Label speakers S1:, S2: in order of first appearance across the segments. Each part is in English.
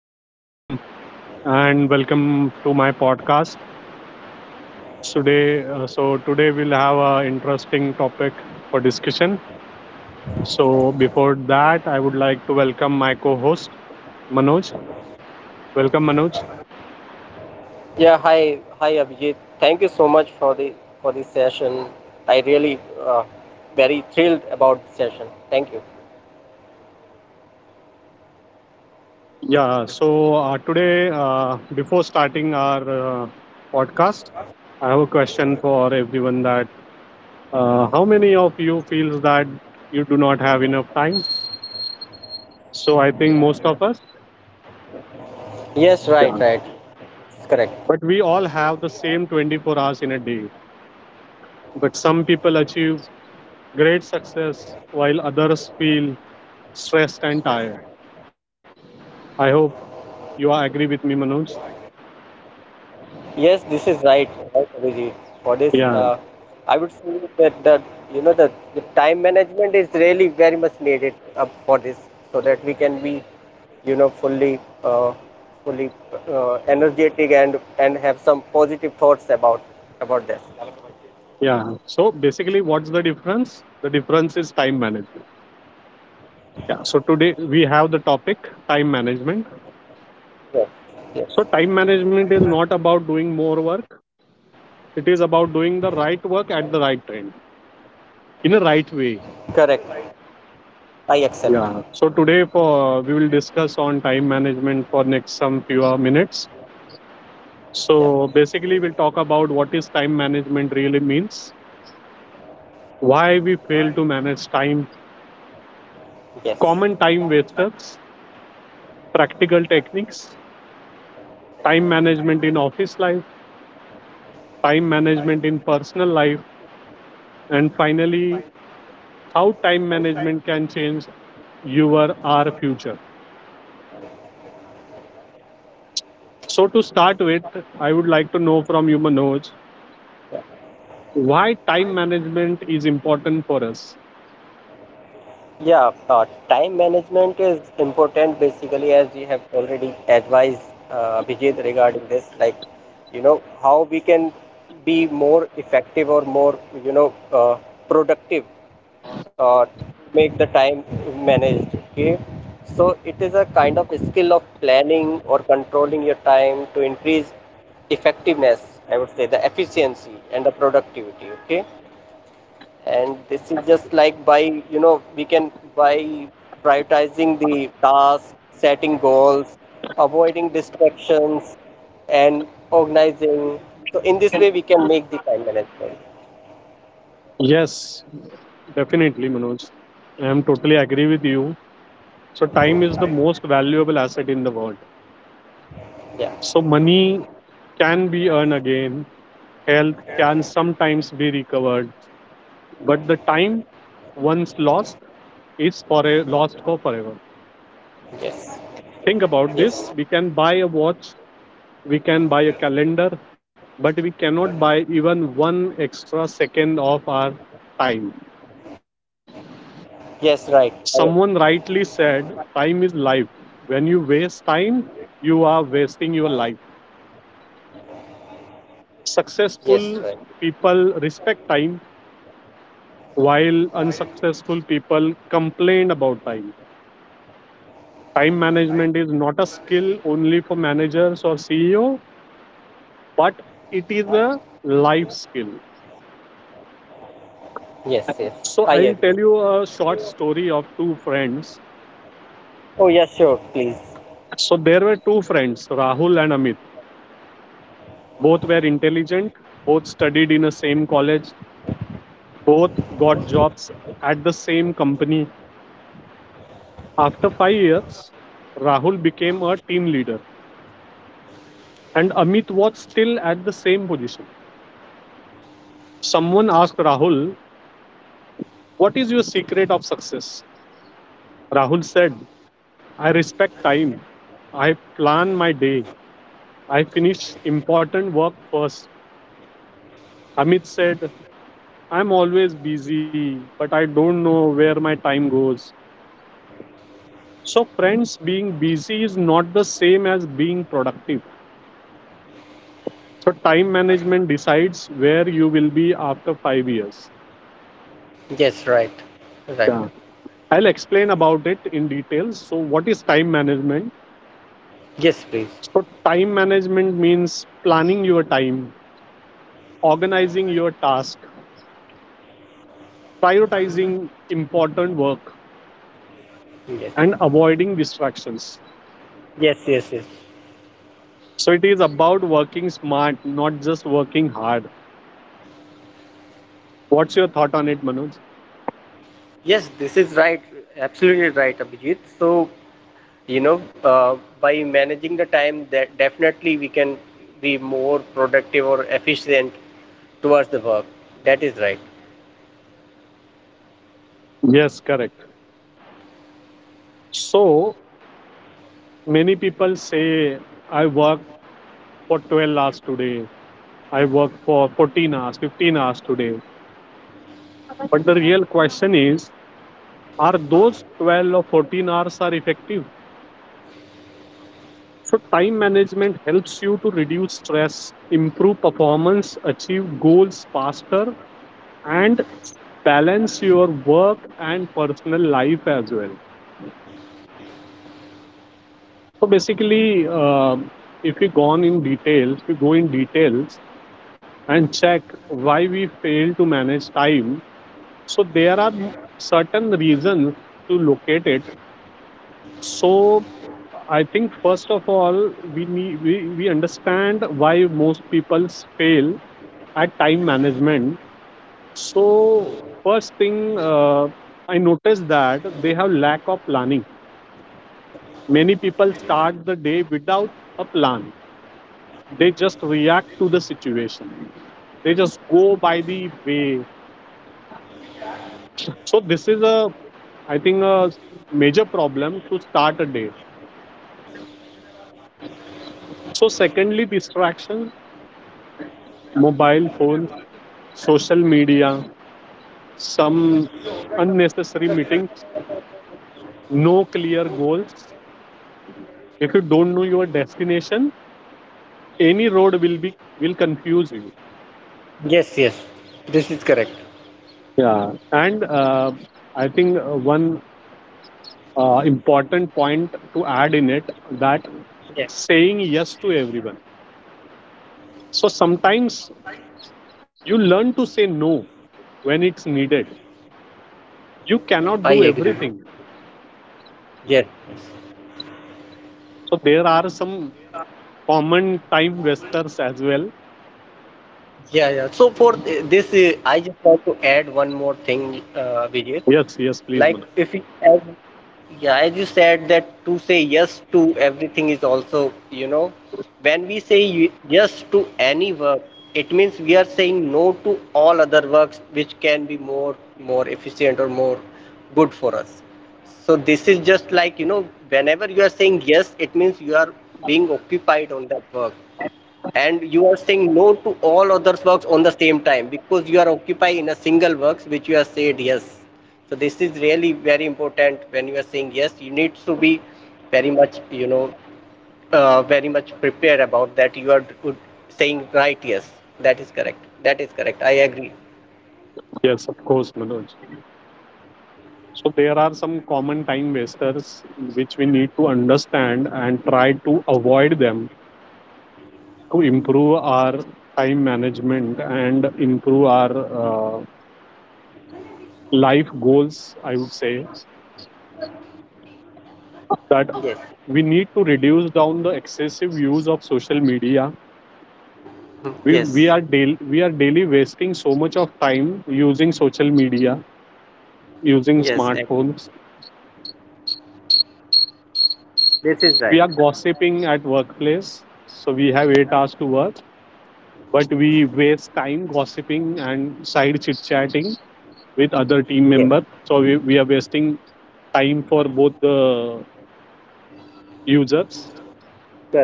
S1: Good afternoon, and welcome to my podcast. Today we'll have an interesting topic for discussion. So before that, I would like to welcome my co-host Manoj. Welcome, Manoj.
S2: Yeah, hi, hi Abhijit. Thank you so much for the for this session. I really uh, very thrilled about the session. Thank you.
S1: Yeah. So today, before starting our podcast, I have a question for everyone. That How many of you feels that you do not have enough time? So I think most of us.
S2: Yes, right,
S1: Yeah.
S2: right. It's correct.
S1: But we all have the same 24 hours in a day. But some people achieve great success while others feel stressed and tired. I hope you are agree with me, Manoj.
S2: Yes, this is right, right Abhijit. For this,
S1: Yeah,
S2: I would say that the that the time management is really very much needed for this, so that we can be fully fully energetic and have some positive thoughts about this.
S1: yeah. So basically, what's the difference? The difference is time management. Yeah. So today we have the topic time management.
S2: Yes, yes,
S1: So time management is not about doing more work. It is about doing the right work at the right time in a right way.
S2: correct. I accept.
S1: Yeah. So today for we will discuss on time management for next some few minutes.
S2: Yeah.
S1: So basically we'll talk about what is time management really means, why we
S2: Why.
S1: fail to manage time,
S2: Yes.
S1: common time
S2: Common time.
S1: wasters, practical
S2: Practical
S1: techniques, time management in office life, time
S2: time
S1: management in
S2: management.
S1: personal life, and
S2: And
S1: finally how time
S2: how time
S1: management can change your
S2: you
S1: our
S2: are.
S1: future. So to start with, I would like to know from you Manoj, why time management is important for us.
S2: Yeah, time management is important basically as we have already advised Vijay regarding this, like, you know, how we can be more effective or more, you know, productive uh, make the time managed. Okay, so it is a kind of skill of planning or controlling your time to increase effectiveness. I would say the efficiency and the productivity. Okay, and this is just like by we can by prioritizing the tasks, setting goals, avoiding distractions, and organizing. So in this way we can make the time management.
S1: Yes, definitely, Manoj. I am totally agree with you. So time is the
S2: Hmm.
S1: most valuable asset in the world.
S2: Yeah.
S1: So money can be earned again, health can sometimes be recovered, but the time once lost is lost for forever.
S2: Yes,
S1: Think about this. We can
S2: yes,
S1: buy a watch, we can buy a calendar, but we cannot buy even one extra second of our time.
S2: yes, right, I agree.
S1: Someone rightly said, time is life. When you waste time, you are wasting your life. Successful
S2: Yes, right.
S1: people respect time, while unsuccessful people complain about time. Time management is not a skill only for managers or CEO, but it is a life skill.
S2: Yes, yes,
S1: So
S2: I
S1: I'll tell
S2: agree.
S1: you a short story of two friends.
S2: Oh, yes, sure, please.
S1: So there were two friends, Rahul and Amit. Both were intelligent, both studied in the same college, both got jobs at the same company. After 5 years, Rahul became a team leader and Amit was still at the same position. Someone asked Rahul, what is your secret of success? Rahul said, I respect time. I plan my day. I finish important work first. Amit said, I'm always busy, but I don't know where my time goes. So, friends, being busy is not the same as being productive. So time management decides where you will be after 5 years.
S2: Yes, right, right.
S1: Yeah. I'll explain about it in details. So what is time management?
S2: Yes, please.
S1: So time management means planning your time, organizing your task, prioritizing important work
S2: Yes.
S1: and avoiding distractions.
S2: Yes, yes, yes.
S1: So it is about working smart, not just working hard. What's your thought on it, Manoj?
S2: Yes, this is right. Absolutely right, Abhijit. So, you know, by managing the time, that definitely we can be more productive or efficient towards the work. That is right.
S1: Yes, correct. So many people say I work for 12 hours today. I work for 14 hours, 15 hours today. But the real question is, are those 12 or 14 hours are effective? So time management helps you to reduce stress, improve performance, achieve goals faster, and balance your work and personal life as well. So basically, if we go on in details, we go in details and check why we fail to manage time. So there are certain reasons to locate it. So I think first of all, we understand why most people fail at time management. So first thing I noticed that they have lack of planning. Many people start the day without a plan. They just react to the situation. They just go by the way. So this is a I think a major problem to start a day. So secondly, distractions, mobile phones, social media, some unnecessary meetings, no clear goals. If you don't know your destination, any road will confuse you.
S2: Yes, yes. This is correct.
S1: Yeah, and I think one important point to add in it, that
S2: Yeah,
S1: saying yes to everyone. So sometimes you learn to say no when it's needed. You cannot do
S2: I agree.
S1: everything.
S2: Yes.
S1: So there are some common time wasters as well.
S2: Yeah, yeah. So for this, I just want to add one more thing, Abhijit.
S1: Yes, yes, please,
S2: Like
S1: Manoj.
S2: if you, as, yeah, as you said that to say yes to everything is also, you know, when we say yes to any work, it means we are saying no to all other works which can be more efficient or more good for us. So this is just like, you know, whenever you are saying yes, it means you are being occupied on that work and you are saying no to all others works on the same time because you are occupied in a single works which you have said yes. So this is really very important. When you are saying yes, you need to be very much, you know, very much prepared about that you are saying right yes. That is correct. That is correct, I agree.
S1: Yes, of course, Manoj. So there are some common time wasters which we need to understand and try to avoid them to improve our time management and improve our life goals. I would say that
S2: Yes.
S1: we need to reduce down the excessive use of social media.
S2: Hmm,
S1: We we are
S2: yes.
S1: daily we are daily wasting so much of time using social media, using
S2: Yes, agree.
S1: smartphones.
S2: This
S1: We
S2: is
S1: are
S2: right.
S1: gossiping at workplace, so we have 8 hours to work but we waste time gossiping and side chit chatting with other team
S2: Yes.
S1: members. So we are wasting time for both the users.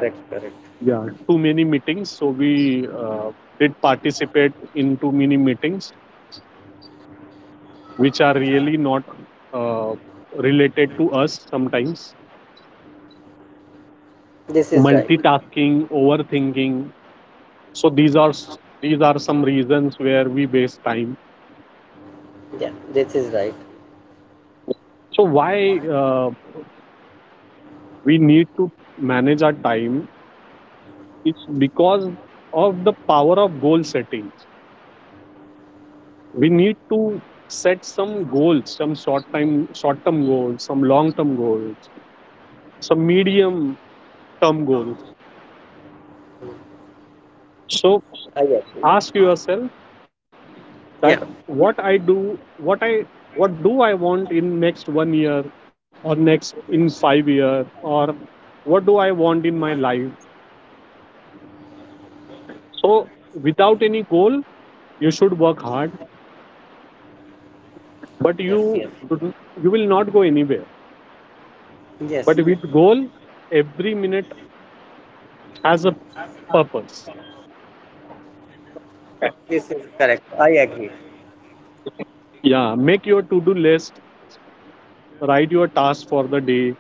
S2: Correct, correct.
S1: Yeah, too many meetings. So we did participate in too many meetings, which are really not uh, related to us sometimes.
S2: This is right.
S1: Multitasking, overthinking. So these are some reasons where we waste time.
S2: Yeah. This is right.
S1: So why we need to manage our time. It's because of the power of goal settings. We need to set some goals, some short term goals, some long term goals, some medium term goals. So
S2: I agree.
S1: ask yourself
S2: Yeah.
S1: that what I do what I what do I want in next 1 year or next in 5 years, or what do I want in my life? So without any goal you should work hard but
S2: Yes, yes,
S1: you will not go anywhere.
S2: yes.
S1: But with goal, every minute has a purpose.
S2: This is correct. I agree.
S1: Yeah, make your to-do list, write your task for the day.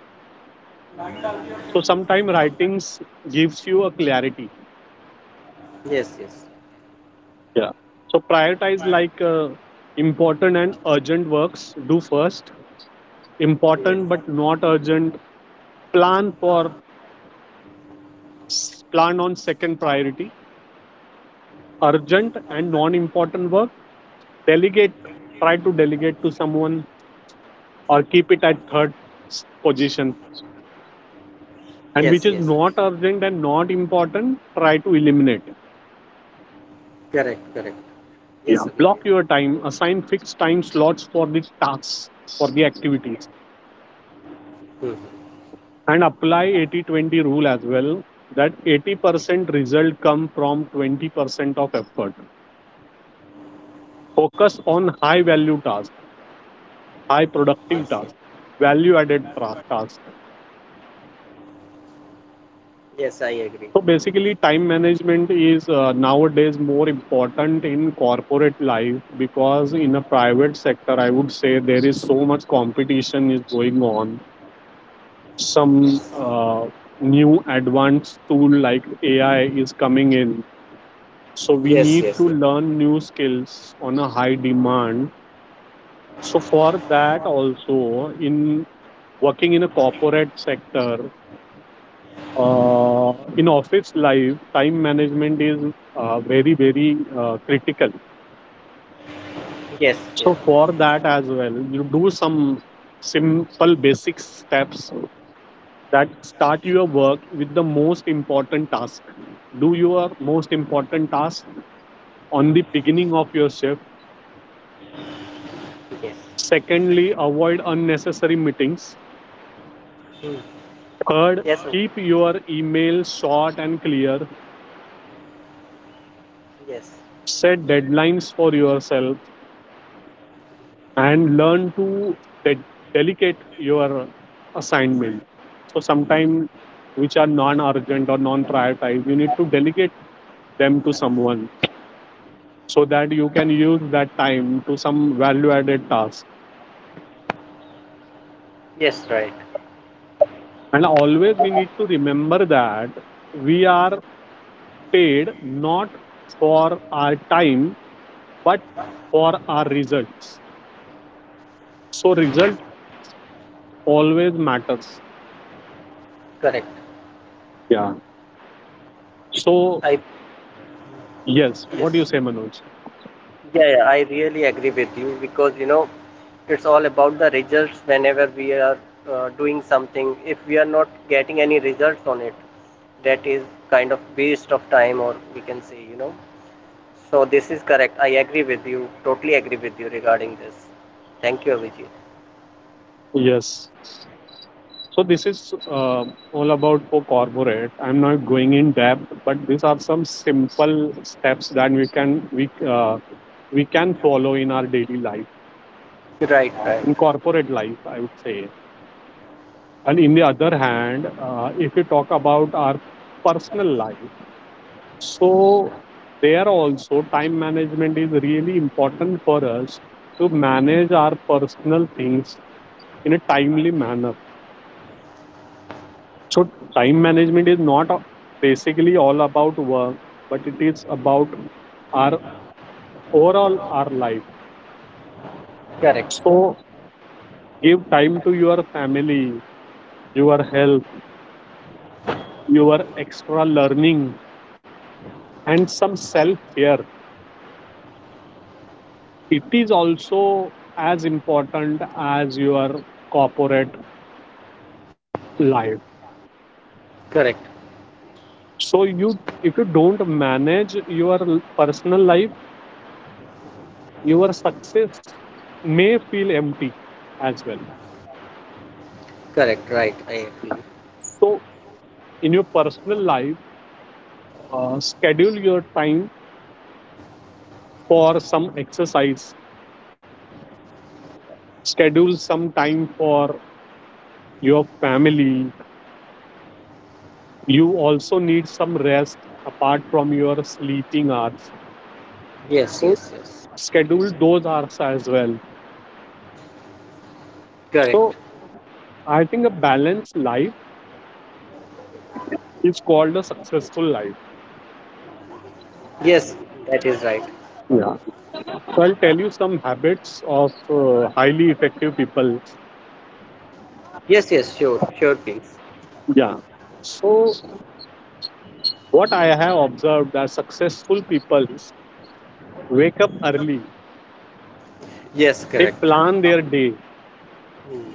S1: So sometimes writings gives you a clarity.
S2: Yes, yes,
S1: Yeah. So prioritize like important and urgent works. Do first.
S2: yes,
S1: Important but not urgent. Plan for plan on second priority. Urgent and non-important work. Delegate. Try to delegate to someone or keep it at third position. And
S2: yes,
S1: which is
S2: yes.
S1: not urgent and not important, try to eliminate.
S2: Correct, correct. Yes,
S1: Yeah.
S2: Abhijit.
S1: Block your time, assign fixed time slots for the tasks, for the activities,
S2: Hmm.
S1: and apply 80/20 rule as well that 80% result come from 20% of effort. Focus on high value tasks, high
S2: Yes,
S1: productive
S2: yes,
S1: tasks, value added tasks.
S2: yes. I agree.
S1: So basically, time management is nowadays more important in corporate life because in a private sector, I would say there is so much competition is going on. Some
S2: Yes,
S1: new advanced tool like AI is coming in, so we
S2: yes,
S1: need
S2: yes, yes,
S1: to learn new skills on a high demand. So for that also in working in a corporate sector, in office life time management is very very critical.
S2: yes, yes,
S1: So for that as well you do some simple basic steps. That start your work with the most important task, do your most important task on the beginning of your shift.
S2: yes.
S1: Secondly, avoid unnecessary meetings.
S2: Hmm.
S1: Third,
S2: Yes, okay.
S1: keep your email short and clear,
S2: Yes,
S1: set deadlines for yourself, and learn to de- delegate your assignment. So sometimes which are non-urgent or non-prioritized, you need to delegate them to someone so that you can use that time to some value-added task.
S2: yes. Right.
S1: And always we need to remember that we are paid not for our time but for our results. So result always matters.
S2: Correct.
S1: Yeah. So
S2: I
S1: yes, what do you
S2: Yes.
S1: say, Manoj?
S2: Yeah, yeah, I really agree with you because, you know, it's all about the results whenever we are doing something. If we are not getting any results on it, that is kind of waste of time, or we can say, you know. So, this is correct. I agree with you, totally agree with you regarding this. Thank you, Abhijit.
S1: Yes. So this is all about for corporate. I'm not going in depth, but these are some simple steps that we can follow in our daily life,
S2: Right, right.
S1: in corporate life, I would say. And in the other hand, if you talk about our personal life, so there also time management is really important for us to manage our personal things in a timely manner. So time management is not basically all about work, but it is about our overall our life.
S2: Correct,
S1: So give time to your family, your health, your extra learning, and some self care. It is also as important as your corporate life.
S2: correct,
S1: So if you don't manage your personal life, your success may feel empty as well.
S2: correct, right. I agree.
S1: So in your personal life, schedule your time for some exercise, schedule some time for your family. You also need some rest apart from your sleeping hours.
S2: Yes,
S1: So,
S2: yes, yes.
S1: schedule those hours as well.
S2: Correct.
S1: So, I think a balanced life is called a successful life.
S2: Yes, that is right.
S1: Yeah. So, I'll tell you some habits of highly effective people.
S2: Yes, yes, sure, sure, please.
S1: Yeah. So, what I have observed that successful people wake up early.
S2: Yes,
S1: They
S2: correct.
S1: plan their day.
S2: Hmm.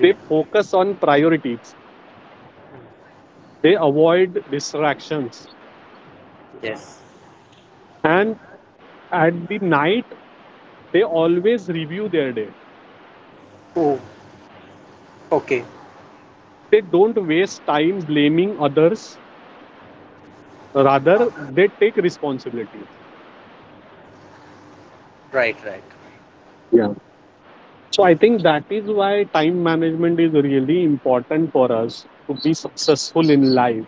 S1: They focus on priorities. They avoid distractions.
S2: Yes.
S1: And at the night, they always review their day.
S2: Oh, okay.
S1: They don't waste time blaming others. Rather, they take responsibility.
S2: Right, right.
S1: Yeah. So I
S2: Yeah.
S1: think that is why time management is really important for us to be successful in life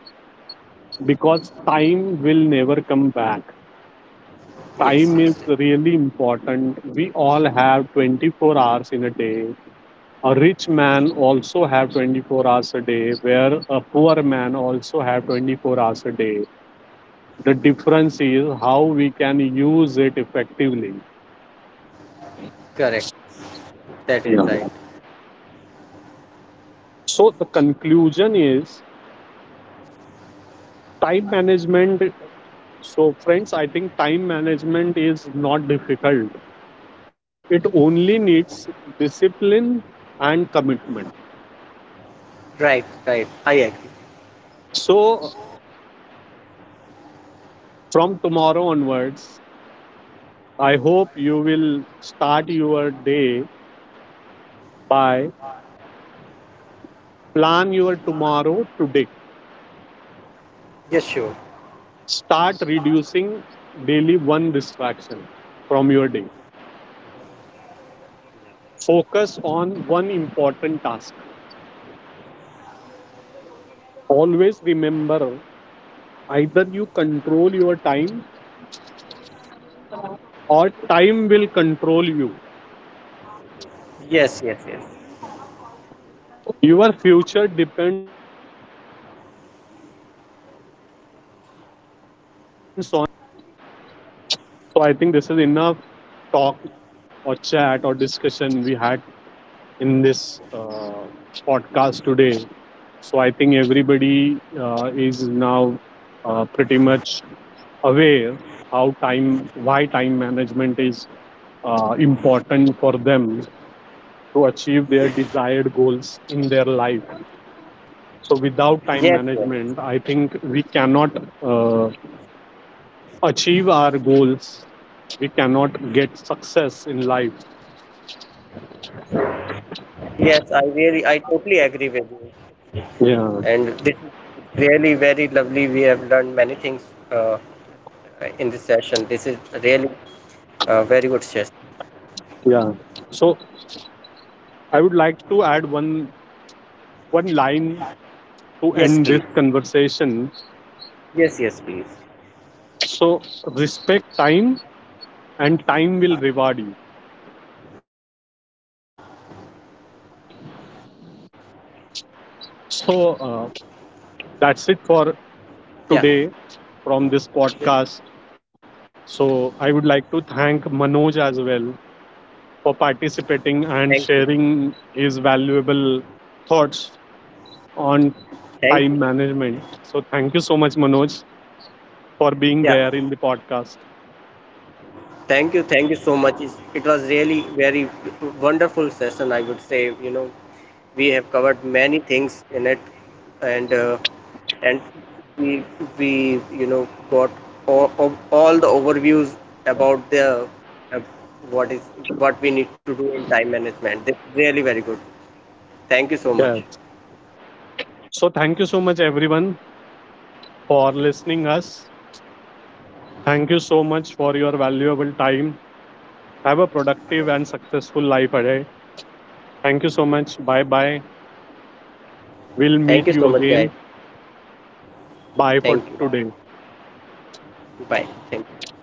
S1: because time will never come back. Time
S2: Yes,
S1: is
S2: yes, yes.
S1: really important. We all have 24 hours in a day. A rich man also have 24 hours a day where a poor man also have 24 hours a day. The difference is how we can use it effectively.
S2: Correct. That is
S1: Yeah.
S2: right.
S1: So the conclusion is time management. So, friends, I think time management is not difficult. It only needs discipline and commitment.
S2: Right, right. I agree.
S1: So, from tomorrow onwards, I hope you will start your day by plan your tomorrow today.
S2: Yes, sure.
S1: Start reducing daily one distraction from your day. Focus on one important task. Always remember, either you control your time or time will control you.
S2: Yes, yes, yes.
S1: Your future depends on how you use your time today. So I think this is enough talk or chat or discussion we had in this podcast today. So I think everybody is now pretty much aware why time management is important for them to achieve their desired goals in their life. So without time
S2: Yes, yes.
S1: management, I think we cannot uh, achieve our goals. We cannot get success in life.
S2: Yes, I really, I totally agree with you.
S1: Yeah,
S2: And this is really very lovely. We have learned many things uh, in this session. This is really a very good session.
S1: yeah. So I would like to add one line to end
S2: Yes,
S1: this
S2: please.
S1: conversation.
S2: Yes, yes, please.
S1: So respect time, and time will reward you. So uh, that's it for today
S2: Yeah.
S1: from this podcast. So I would like to thank Manoj as well for participating and
S2: Thank you.
S1: sharing his valuable thoughts on
S2: Thank you.
S1: time management. So thank you so much, Manoj, for being
S2: Yeah.
S1: there in the podcast.
S2: Thank you so much. It was really very wonderful session, I would say. You know, we have covered many things in it, and uh, and we we you know got all, all all the overviews about the what is what we need to do in time management. This is really very good. Thank you so
S1: Yeah.
S2: much.
S1: So thank you so much, everyone, for listening us. Thank you so much for your valuable time. Have a productive and successful life ahead. Thank you so much. Bye bye. We'll meet
S2: Thank you
S1: you
S2: so much, guys.
S1: again. Bye for
S2: Thank you.
S1: today.
S2: Bye. Thank you.